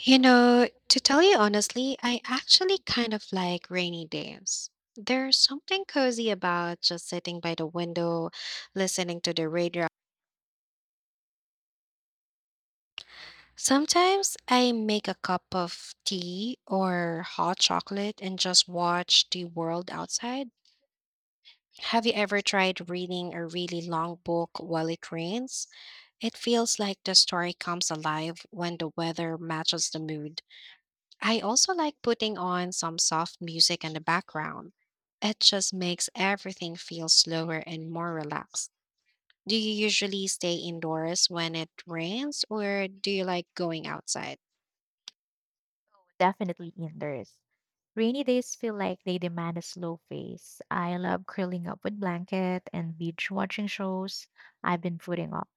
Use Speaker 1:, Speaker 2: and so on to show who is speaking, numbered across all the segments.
Speaker 1: You know, to tell you honestly, I actually kind of like rainy days. There's something cozy about just sitting by the window, listening to the radio. Sometimes I make a cup of tea or hot chocolate and just watch the world outside. Have you ever tried reading a really long book while it rains? It feels like the story comes alive when the weather matches the mood. I also like putting on some soft music in the background. It just makes everything feel slower and more relaxed. Do you usually stay indoors when it rains, or do you like going outside?
Speaker 2: Definitely indoors. Rainy days feel like they demand a slow pace. I love curling up with blanket and beach watching shows I've been putting off.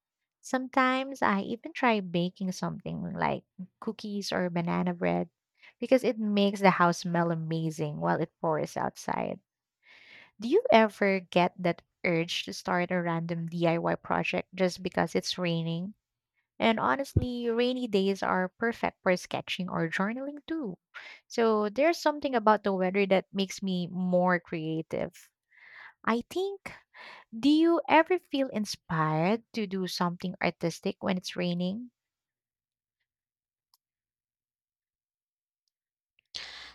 Speaker 2: Sometimes I even try baking something like cookies or banana bread because it makes the house smell amazing while it pours outside. Do you ever get that urge to start a random DIY project just because it's raining? And honestly, rainy days are perfect for sketching or journaling too. So there's something about the weather that makes me more creative. I think, do you ever feel inspired to do something artistic when it's raining?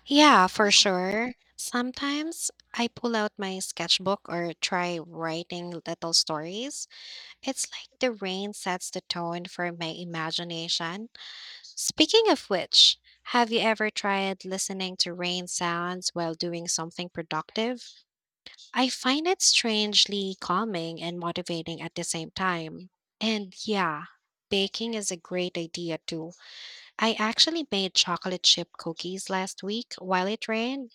Speaker 1: Yeah, for sure. Sometimes I pull out my sketchbook or try writing little stories. It's like the rain sets the tone for my imagination. Speaking of which, have you ever tried listening to rain sounds while doing something productive? I find it strangely calming and motivating at the same time. And yeah, baking is a great idea too. I actually made chocolate chip cookies last week while it rained.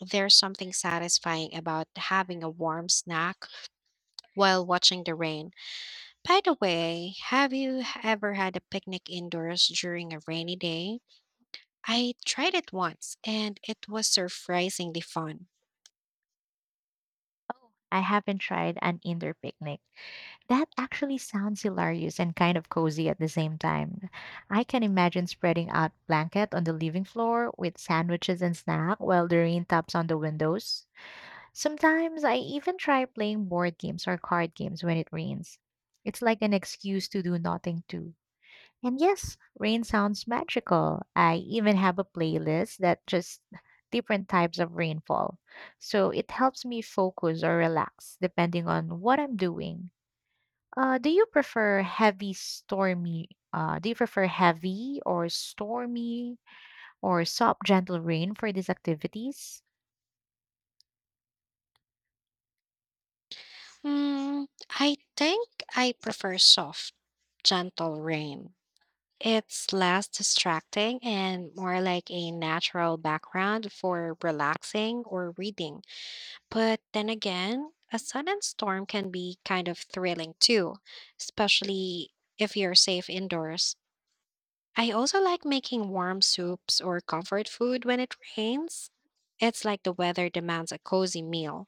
Speaker 1: There's something satisfying about having a warm snack while watching the rain. By the way, have you ever had a picnic indoors during a rainy day? I tried it once and it was surprisingly fun.
Speaker 2: Oh, I haven't tried an indoor picnic. That actually sounds hilarious and kind of cozy at the same time. I can imagine spreading out blanket on the living floor with sandwiches and snack while the rain taps on the windows. Sometimes I even try playing board games or card games when it rains. It's like an excuse to do nothing too. And yes, rain sounds magical. I even have a playlist that just different types of rainfall. So it helps me focus or relax depending on what I'm doing. Do you prefer heavy or stormy or soft gentle rain for these activities?
Speaker 1: Hmm, I think I prefer soft, gentle rain. It's less distracting and more like a natural background for relaxing or reading. But then again, a sudden storm can be kind of thrilling too, especially if you're safe indoors. I also like making warm soups or comfort food when it rains. It's like the weather demands a cozy meal.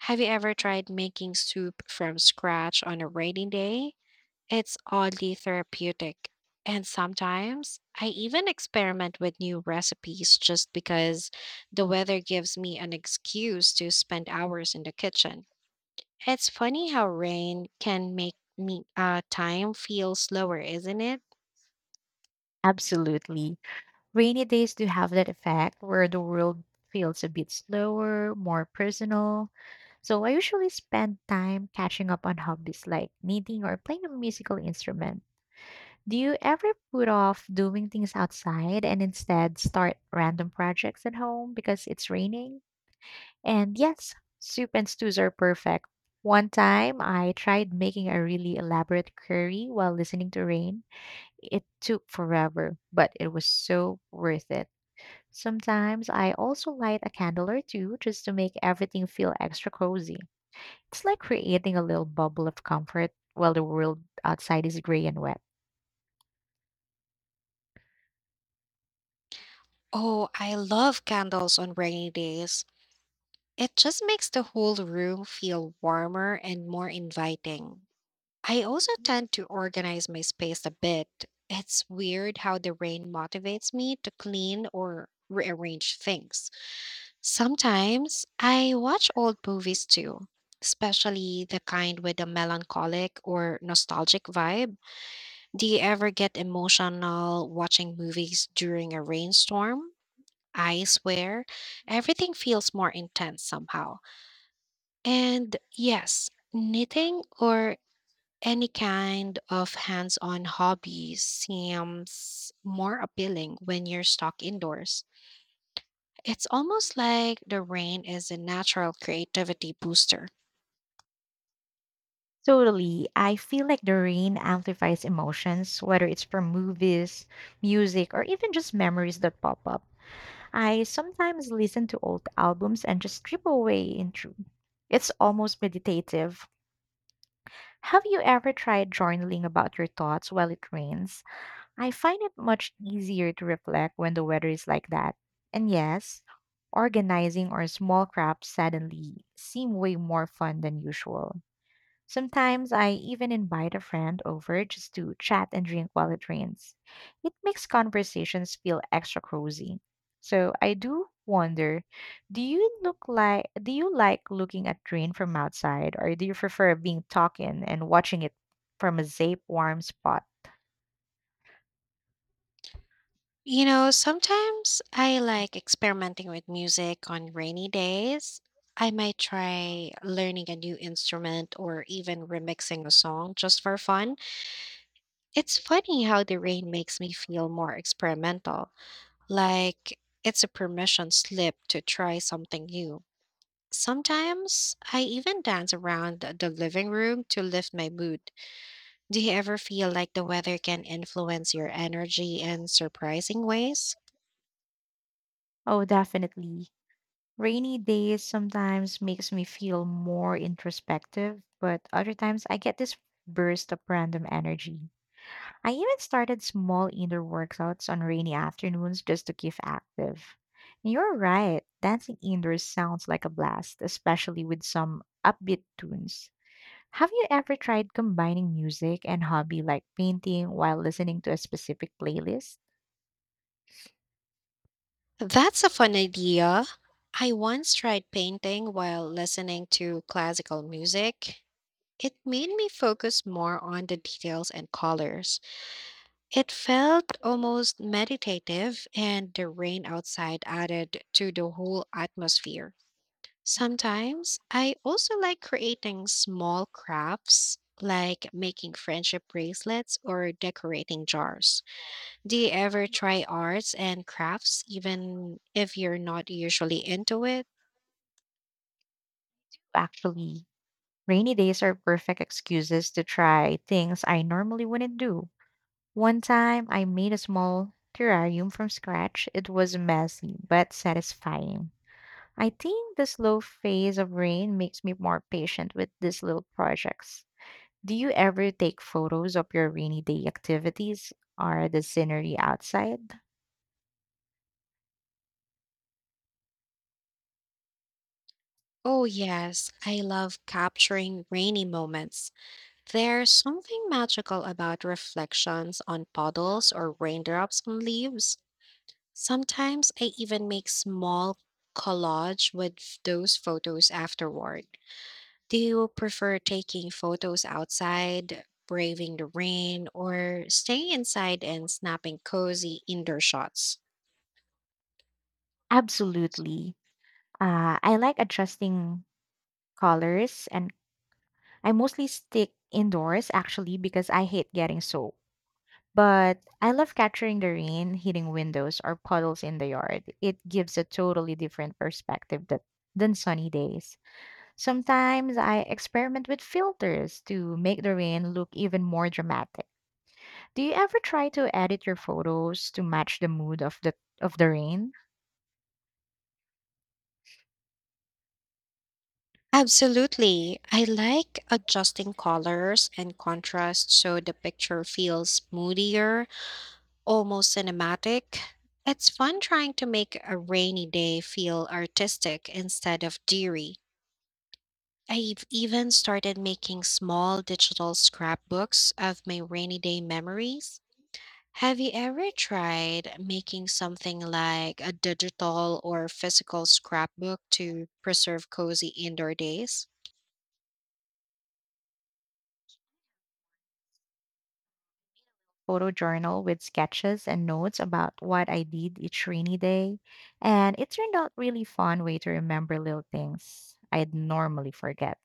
Speaker 1: Have you ever tried making soup from scratch on a rainy day? It's oddly therapeutic. And sometimes I even experiment with new recipes just because the weather gives me an excuse to spend hours in the kitchen. It's funny how rain can make me time feel slower, isn't it?
Speaker 2: Absolutely. Rainy days do have that effect where the world feels a bit slower, more personal. So I usually spend time catching up on hobbies like knitting or playing a musical instrument. Do you ever put off doing things outside and instead start random projects at home because it's raining? And yes, soup and stews are perfect. One time I tried making a really elaborate curry while listening to rain. It took forever, but it was so worth it. Sometimes I also light a candle or two just to make everything feel extra cozy. It's like creating a little bubble of comfort while the world outside is gray and wet.
Speaker 1: Oh, I love candles on rainy days. It just makes the whole room feel warmer and more inviting. I also tend to organize my space a bit. It's weird how the rain motivates me to clean or rearrange things. Sometimes I watch old movies too, especially the kind with a melancholic or nostalgic vibe. Do you ever get emotional watching movies during a rainstorm? I swear, everything feels more intense somehow. And yes, knitting or any kind of hands on hobby seems more appealing when you're stuck indoors. It's almost like the rain is a natural creativity booster.
Speaker 2: Totally. I feel like the rain amplifies emotions, whether it's from movies, music, or even just memories that pop up. I sometimes listen to old albums and just strip away into. It's almost meditative. Have you ever tried journaling about your thoughts while it rains? I find it much easier to reflect when the weather is like that. And yes, organizing our small crafts suddenly seem way more fun than usual. Sometimes I even invite a friend over just to chat and drink while it rains. It makes conversations feel extra cozy. So I do wonder, do you like looking at rain from outside or do you prefer being talking and watching it from a safe warm spot?
Speaker 1: You know, sometimes I like experimenting with music on rainy days. I might try learning a new instrument or even remixing a song just for fun. It's funny how the rain makes me feel more experimental, like it's a permission slip to try something new. Sometimes I even dance around the living room to lift my mood. Do you ever feel like the weather can influence your energy in surprising ways?
Speaker 2: Oh, definitely. Rainy days sometimes makes me feel more introspective, but other times I get this burst of random energy. I even started small indoor workouts on rainy afternoons just to keep active. And you're right, dancing indoors sounds like a blast, especially with some upbeat tunes. Have you ever tried combining music and hobby like painting while listening to a specific playlist?
Speaker 1: That's a fun idea. I once tried painting while listening to classical music. It made me focus more on the details and colors. It felt almost meditative, and the rain outside added to the whole atmosphere. Sometimes I also like creating small crafts, like making friendship bracelets or decorating jars. Do you ever try arts and crafts even if you're not usually into it?
Speaker 2: Actually, rainy days are perfect excuses to try things I normally wouldn't do. One time I made a small terrarium from scratch. It was messy but satisfying. I think the slow phase of rain makes me more patient with these little projects. Do you ever take photos of your rainy day activities or the scenery outside?
Speaker 1: Oh, yes, I love capturing rainy moments. There's something magical about reflections on puddles or raindrops on leaves. Sometimes I even make small collage with those photos afterward. Do you prefer taking photos outside, braving the rain, or staying inside and snapping cozy indoor shots?
Speaker 2: Absolutely. I like adjusting colors and I mostly stick indoors actually because I hate getting soaked. But I love capturing the rain hitting windows or puddles in the yard. It gives a totally different perspective that, than sunny days. Sometimes I experiment with filters to make the rain look even more dramatic. Do you ever try to edit your photos to match the mood of the rain?
Speaker 1: Absolutely. I like adjusting colors and contrast so the picture feels moodier, almost cinematic. It's fun trying to make a rainy day feel artistic instead of dreary. I've even started making small digital scrapbooks of my rainy day memories. Have you ever tried making something like a digital or physical scrapbook to preserve cozy indoor days?
Speaker 2: Photo journal with sketches and notes about what I did each rainy day, and it turned out really fun way to remember little things I'd normally forget.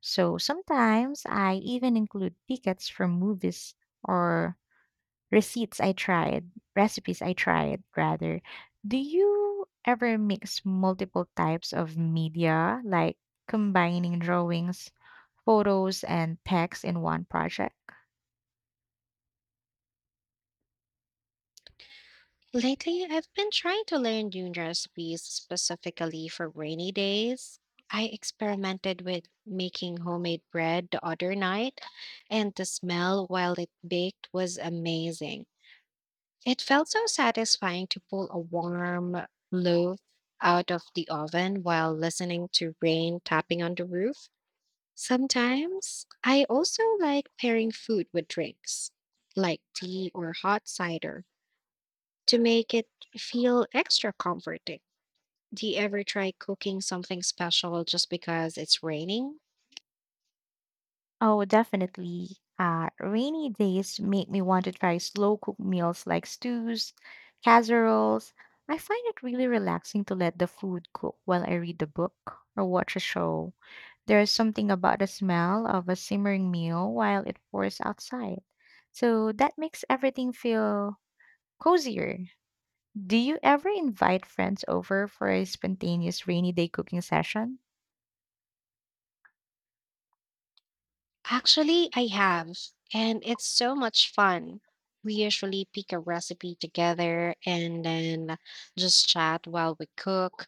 Speaker 2: So sometimes I even include tickets from movies or receipts I tried, recipes I tried rather. Do you ever mix multiple types of media, like combining drawings, photos, and text in one project?
Speaker 1: Lately, I've been trying to learn new recipes specifically for rainy days. I experimented with making homemade bread the other night, and the smell while it baked was amazing. It felt so satisfying to pull a warm loaf out of the oven while listening to rain tapping on the roof. Sometimes I also like pairing food with drinks, like tea or hot cider to make it feel extra comforting. Do you ever try cooking something special just because it's raining?
Speaker 2: Oh, definitely. Rainy days make me want to try slow cook meals like stews, casseroles. I find it really relaxing to let the food cook while I read the book or watch a show. There is something about the smell of a simmering meal while it pours outside. So that makes everything feel cozier. Do you ever invite friends over for a spontaneous rainy day cooking session?
Speaker 1: Actually, I have, and it's so much fun. We usually pick a recipe together and then just chat while we cook.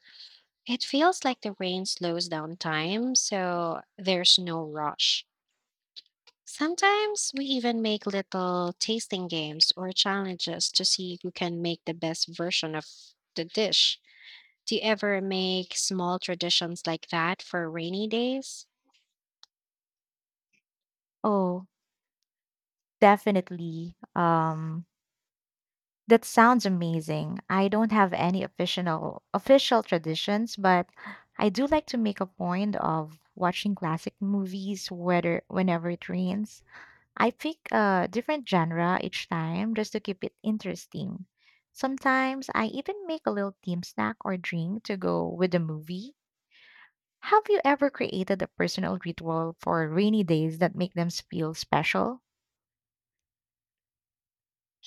Speaker 1: It feels like the rain slows down time, so there's no rush. Sometimes we even make little tasting games or challenges to see who can make the best version of the dish. Do you ever make small traditions like that for rainy days?
Speaker 2: Oh, definitely. That sounds amazing. I don't have any official traditions, but I do like to make a point of watching classic movies whether whenever it rains. I pick a different genre each time just to keep it interesting. Sometimes I even make a little team snack or drink to go with the movie. Have you ever created a personal ritual for rainy days that make them feel special?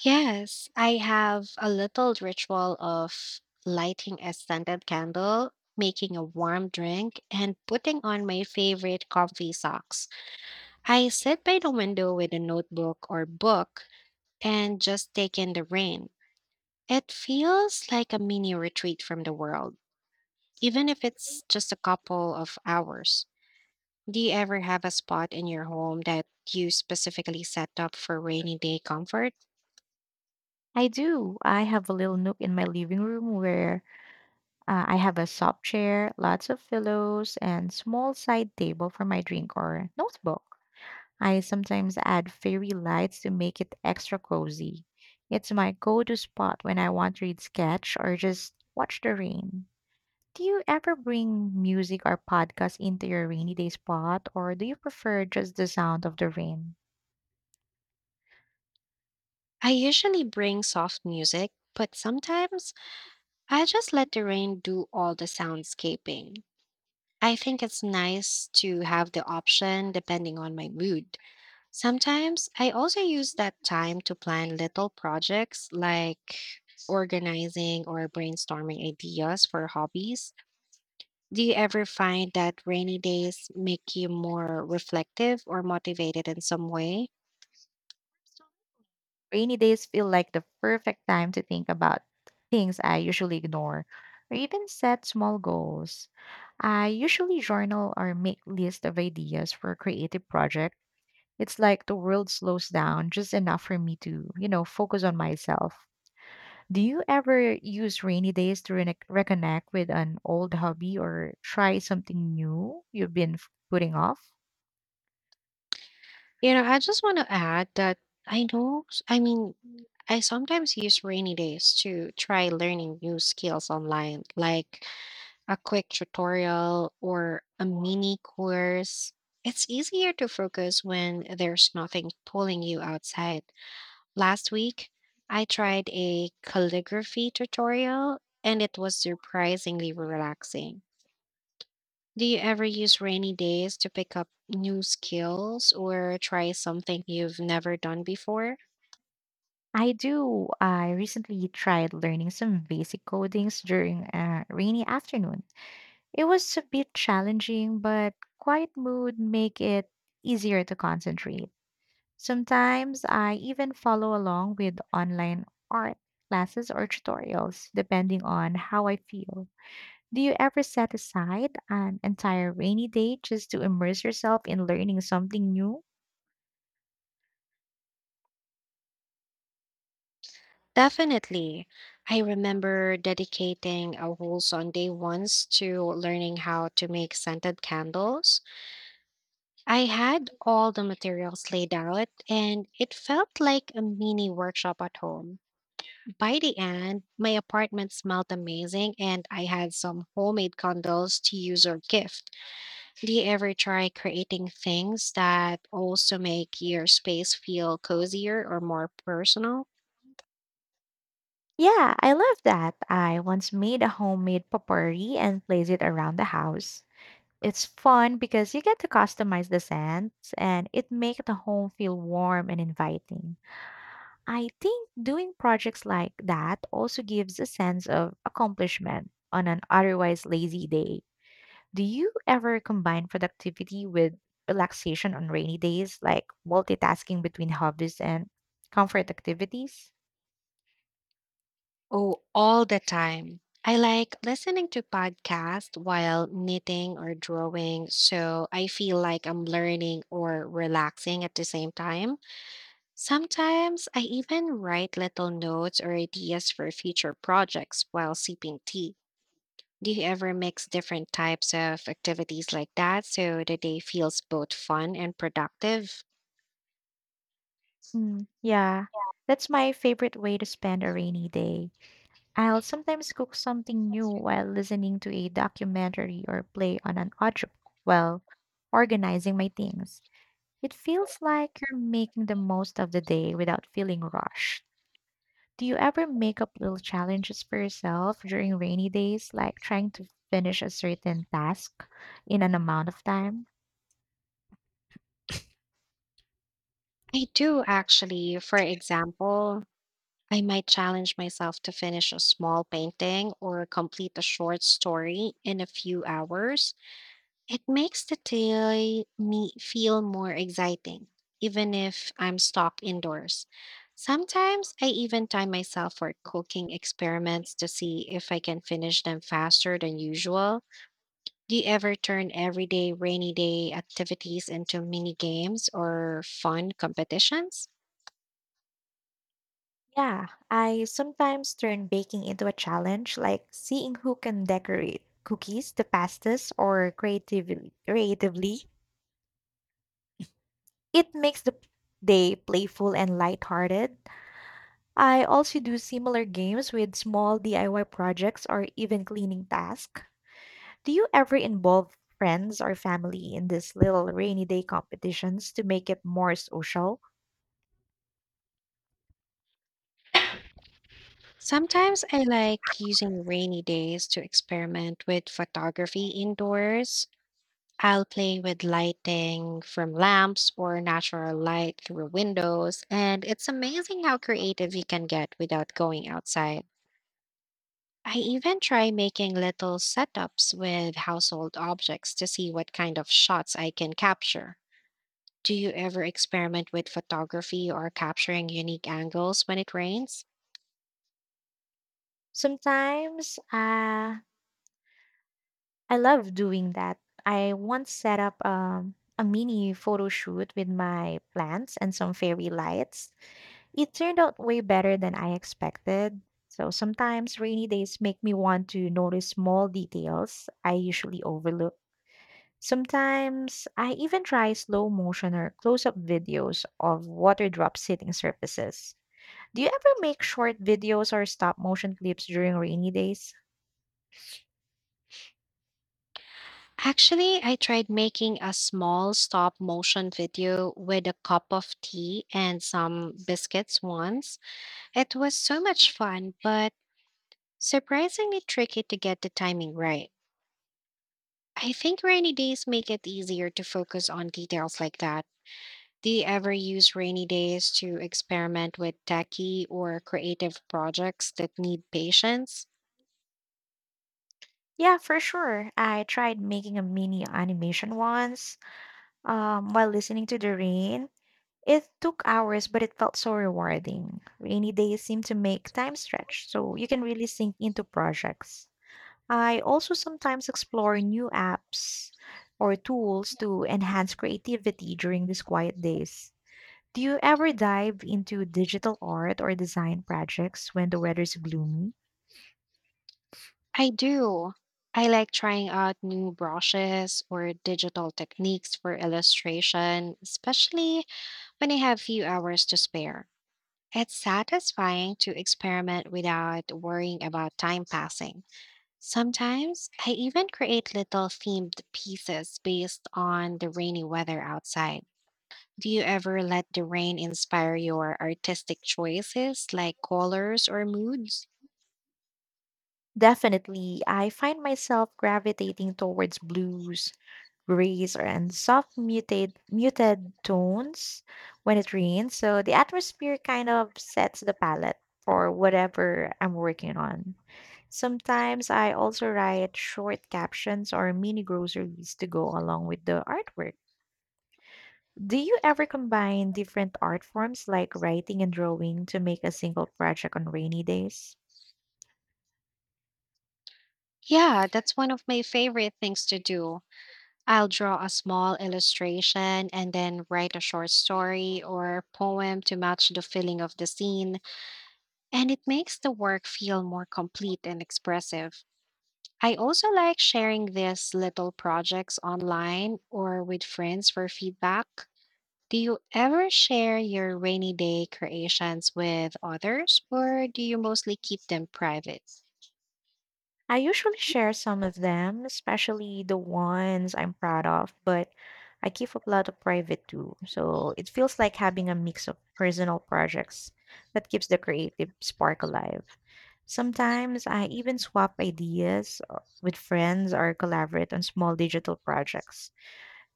Speaker 1: Yes, I have a little ritual of lighting a scented candle, making a warm drink, and putting on my favorite comfy socks. I sit by the window with a notebook or book and just take in the rain. It feels like a mini retreat from the world, even if it's just a couple of hours. Do you ever have a spot in your home that you specifically set up for rainy day comfort?
Speaker 2: I do. I have a little nook in my living room where I have a soft chair, lots of pillows, and small side table for my drink or notebook. I sometimes add fairy lights to make it extra cozy. It's my go to spot when I want to read sketch or just watch the rain. Do you ever bring music or podcast into your rainy day spot, or do you prefer just the sound of the rain?
Speaker 1: I usually bring soft music, but sometimes I just let the rain do all the soundscaping. I think it's nice to have the option depending on my mood. Sometimes I also use that time to plan little projects like organizing or brainstorming ideas for hobbies. Do you ever find that rainy days make you more reflective or motivated in some way?
Speaker 2: Rainy days feel like the perfect time to think about things I usually ignore, or even set small goals. I usually journal or make lists of ideas for creative projects. It's like the world slows down just enough for me to, you know, focus on myself. Do you ever use rainy days to reconnect with an old hobby or try something new you've been putting off?
Speaker 1: You know, I just want to add that I know, I mean, I sometimes use rainy days to try learning new skills online, like a quick tutorial or a mini course. It's easier to focus when there's nothing pulling you outside. Last week, I tried a calligraphy tutorial and it was surprisingly relaxing. Do you ever use rainy days to pick up new skills or try something you've never done before?
Speaker 2: I do. I recently tried learning some basic codings during a rainy afternoon. It was a bit challenging, but quiet mood make it easier to concentrate. Sometimes I even follow along with online art classes or tutorials, depending on how I feel. Do you ever set aside an entire rainy day just to immerse yourself in learning something new?
Speaker 1: Definitely. I remember dedicating a whole Sunday once to learning how to make scented candles. I had all the materials laid out, and it felt like a mini workshop at home. By the end, my apartment smelled amazing, and I had some homemade candles to use or gift. Do you ever try creating things that also make your space feel cozier or more personal?
Speaker 2: Yeah, I love that. I once made a homemade potpourri and placed it around the house. It's fun because you get to customize the scents and it makes the home feel warm and inviting. I think doing projects like that also gives a sense of accomplishment on an otherwise lazy day. Do you ever combine productivity with relaxation on rainy days, like multitasking between hobbies and comfort activities?
Speaker 1: Oh, all the time. I like listening to podcasts while knitting or drawing, so I feel like I'm learning or relaxing at the same time. Sometimes I even write little notes or ideas for future projects while sipping tea. Do you ever mix different types of activities like that so the day feels both fun and productive?
Speaker 2: Mm, yeah, that's my favorite way to spend a rainy day. I'll sometimes cook something new while listening to a documentary or play on an audio while organizing my things. It feels like you're making the most of the day without feeling rushed. Do you ever make up little challenges for yourself during rainy days, like trying to finish a certain task in an amount of time?
Speaker 1: I do actually. For example, I might challenge myself to finish a small painting or complete a short story in a few hours. It makes the day me feel more exciting, even if I'm stuck indoors. Sometimes I even time myself for cooking experiments to see if I can finish them faster than usual. Do you ever turn everyday rainy day activities into mini games or fun competitions?
Speaker 2: Yeah, I sometimes turn baking into a challenge, like seeing who can decorate cookies the fastest or creatively. It makes the day playful and lighthearted. I also do similar games with small DIY projects or even cleaning tasks. Do you ever involve friends or family in these little rainy day competitions to make it more social?
Speaker 1: Sometimes I like using rainy days to experiment with photography indoors. I'll play with lighting from lamps or natural light through windows, and it's amazing how creative you can get without going outside. I even try making little setups with household objects to see what kind of shots I can capture. Do you ever experiment with photography or capturing unique angles when it rains?
Speaker 2: Sometimes I love doing that. I once set up a mini photo shoot with my plants and some fairy lights. It turned out way better than I expected. So sometimes rainy days make me want to notice small details I usually overlook. Sometimes I even try slow motion or close up videos of water drops hitting surfaces. Do you ever make short videos or stop motion clips during rainy days?
Speaker 1: Actually, I tried making a small stop motion video with a cup of tea and some biscuits once. It was so much fun, but surprisingly tricky to get the timing right. I think rainy days make it easier to focus on details like that. Do you ever use rainy days to experiment with techie or creative projects that need patience?
Speaker 2: Yeah, for sure. I tried making a mini animation once while listening to the rain. It took hours, but it felt so rewarding. Rainy days seem to make time stretch, so you can really sink into projects. I also sometimes explore new apps or tools to enhance creativity during these quiet days. Do you ever dive into digital art or design projects when the weather's gloomy?
Speaker 1: I do. I like trying out new brushes or digital techniques for illustration, especially when I have few hours to spare. It's satisfying to experiment without worrying about time passing. Sometimes I even create little themed pieces based on the rainy weather outside. Do you ever let the rain inspire your artistic choices like colors or moods?
Speaker 2: Definitely, I find myself gravitating towards blues, and soft muted tones when it rains. So the atmosphere kind of sets the palette for whatever I'm working on. Sometimes I also write short captions or mini groceries to go along with the artwork. Do you ever combine different art forms like writing and drawing to make a single project on rainy days?
Speaker 1: Yeah, that's one of my favorite things to do. I'll draw a small illustration and then write a short story or poem to match the feeling of the scene, and it makes the work feel more complete and expressive. I also like sharing these little projects online or with friends for feedback. Do you ever share your rainy day creations with others, or do you mostly keep them private?
Speaker 2: I usually share some of them, especially the ones I'm proud of, but I keep a lot of private too. So it feels like having a mix of personal projects that keeps the creative spark alive. Sometimes I even swap ideas with friends or collaborate on small digital projects.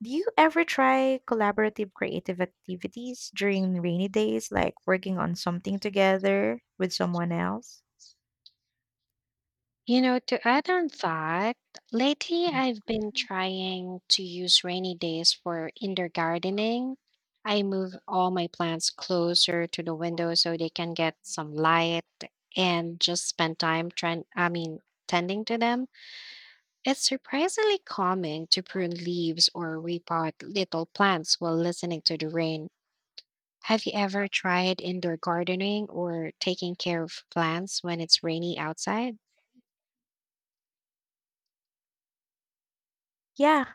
Speaker 2: Do you ever try collaborative creative activities during rainy days, like working on something together with someone else?
Speaker 1: You know, to add on that, lately I've been trying to use rainy days for indoor gardening. I move all my plants closer to the window so they can get some light and just spend time tending to them. It's surprisingly calming to prune leaves or repot little plants while listening to the rain. Have you ever tried indoor gardening or taking care of plants when it's rainy outside?
Speaker 2: Yeah,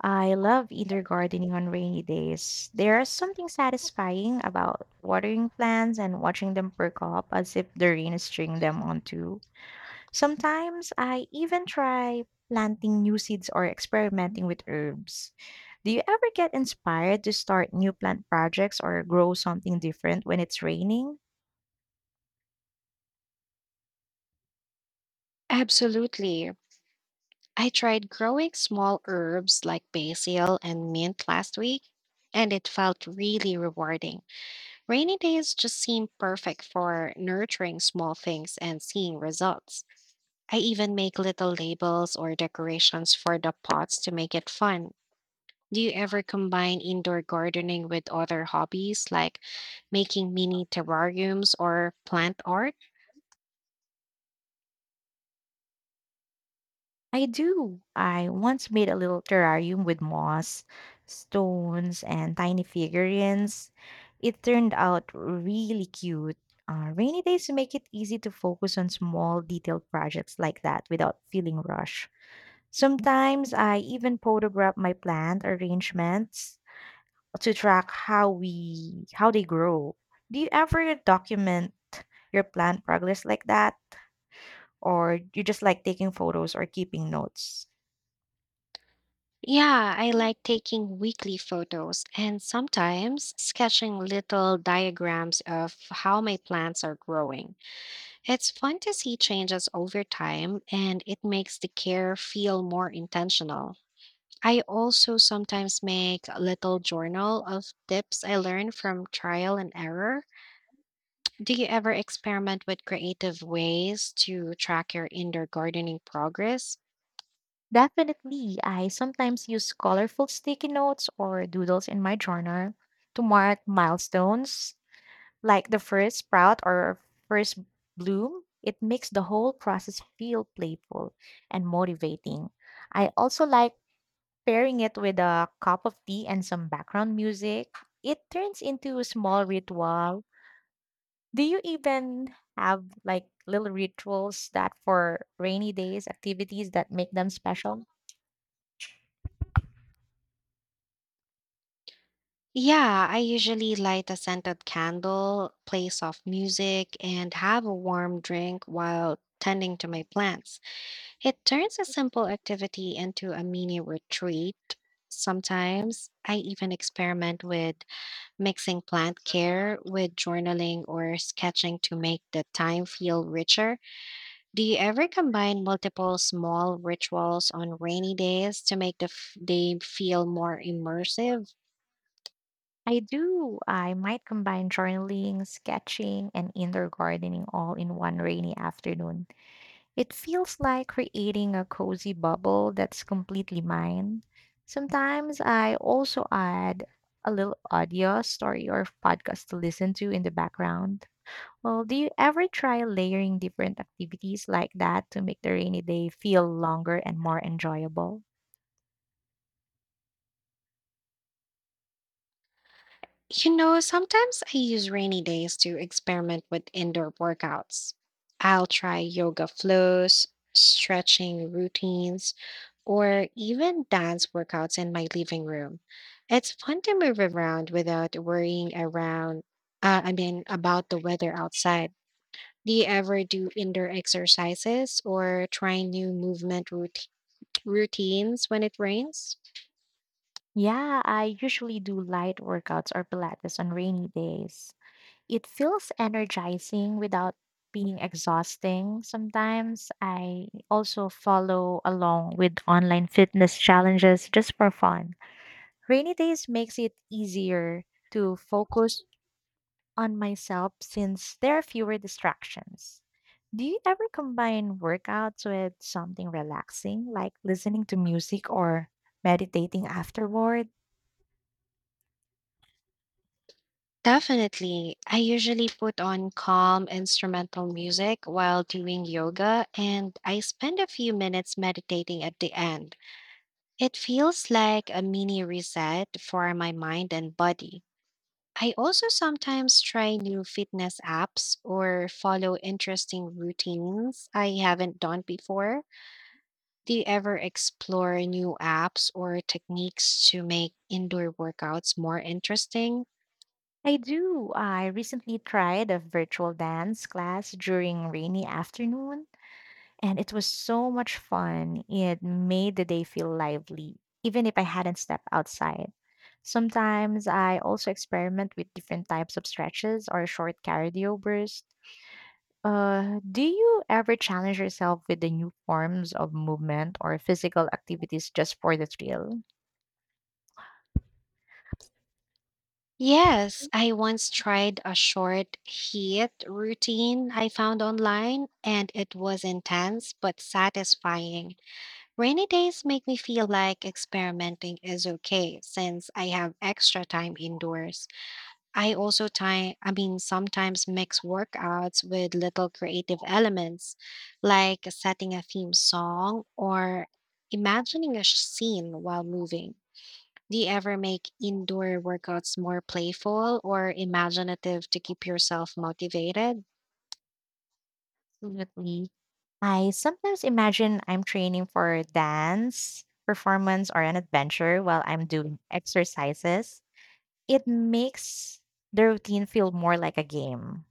Speaker 2: I love indoor gardening on rainy days. There is something satisfying about watering plants and watching them perk up as if the rain is stringing them on too. Sometimes I even try planting new seeds or experimenting with herbs. Do you ever get inspired to start new plant projects or grow something different when it's raining?
Speaker 1: Absolutely. I tried growing small herbs like basil and mint last week, and it felt really rewarding. Rainy days just seem perfect for nurturing small things and seeing results. I even make little labels or decorations for the pots to make it fun. Do you ever combine indoor gardening with other hobbies like making mini terrariums or plant art?
Speaker 2: I do. I once made a little terrarium with moss, stones, and tiny figurines. It turned out really cute. Rainy days make it easy to focus on small, detailed projects like that without feeling rushed. Sometimes I even photograph my plant arrangements to track how we how they grow. Do you ever document your plant progress like that, or you just like taking photos or keeping notes?
Speaker 1: Yeah, I like taking weekly photos and sometimes sketching little diagrams of how my plants are growing. It's fun to see changes over time and it makes the care feel more intentional. I also sometimes make a little journal of tips I learned from trial and error. Do you ever experiment with creative ways to track your indoor gardening progress?
Speaker 2: Definitely, I sometimes use colorful sticky notes or doodles in my journal to mark milestones, like the first sprout or first bloom. It makes the whole process feel playful and motivating. I also like pairing it with a cup of tea and some background music. It turns into a small ritual. Do you even have like little rituals that for rainy days, activities that make them special?
Speaker 1: Yeah, I usually light a scented candle, play soft music, and have a warm drink while tending to my plants. It turns a simple activity into a mini retreat. Sometimes I even experiment with mixing plant care with journaling or sketching to make the time feel richer. Do you ever combine multiple small rituals on rainy days to make the day feel more immersive?
Speaker 2: I do. I might combine journaling, sketching, and indoor gardening all in one rainy afternoon. It feels like creating a cozy bubble that's completely mine. Sometimes I also add a little audio story or podcast to listen to in the background. Well, do you ever try layering different activities like that to make the rainy day feel longer and more enjoyable?
Speaker 1: You know, sometimes I use rainy days to experiment with indoor workouts. I'll try yoga flows, stretching routines, or even dance workouts in my living room. It's fun to move around without worrying about the weather outside. Do you ever do indoor exercises or try new movement routines when it rains?
Speaker 2: Yeah, I usually do light workouts or Pilates on rainy days. It feels energizing without being exhausting. Sometimes I also follow along with online fitness challenges just for fun. Rainy days makes it easier to focus on myself since there are fewer distractions. Do you ever combine workouts with something relaxing like listening to music or meditating afterward?
Speaker 1: Definitely. I usually put on calm instrumental music while doing yoga, and I spend a few minutes meditating at the end. It feels like a mini reset for my mind and body. I also sometimes try new fitness apps or follow interesting routines I haven't done before. Do you ever explore new apps or techniques to make indoor workouts more interesting?
Speaker 2: I do. I recently tried a virtual dance class during rainy afternoon, and it was so much fun. It made the day feel lively, even if I hadn't stepped outside. Sometimes I also experiment with different types of stretches or short cardio bursts. Do you ever challenge yourself with the new forms of movement or physical activities just for the thrill?
Speaker 1: Yes, I once tried a short heat routine I found online, and it was intense but satisfying. Rainy days make me feel like experimenting is okay since I have extra time indoors. I also sometimes mix workouts with little creative elements, like setting a theme song or imagining a scene while moving. Do you ever make indoor workouts more playful or imaginative to keep yourself motivated?
Speaker 2: Absolutely. I sometimes imagine I'm training for dance, performance, or an adventure while I'm doing exercises. It makes the routine feel more like a game.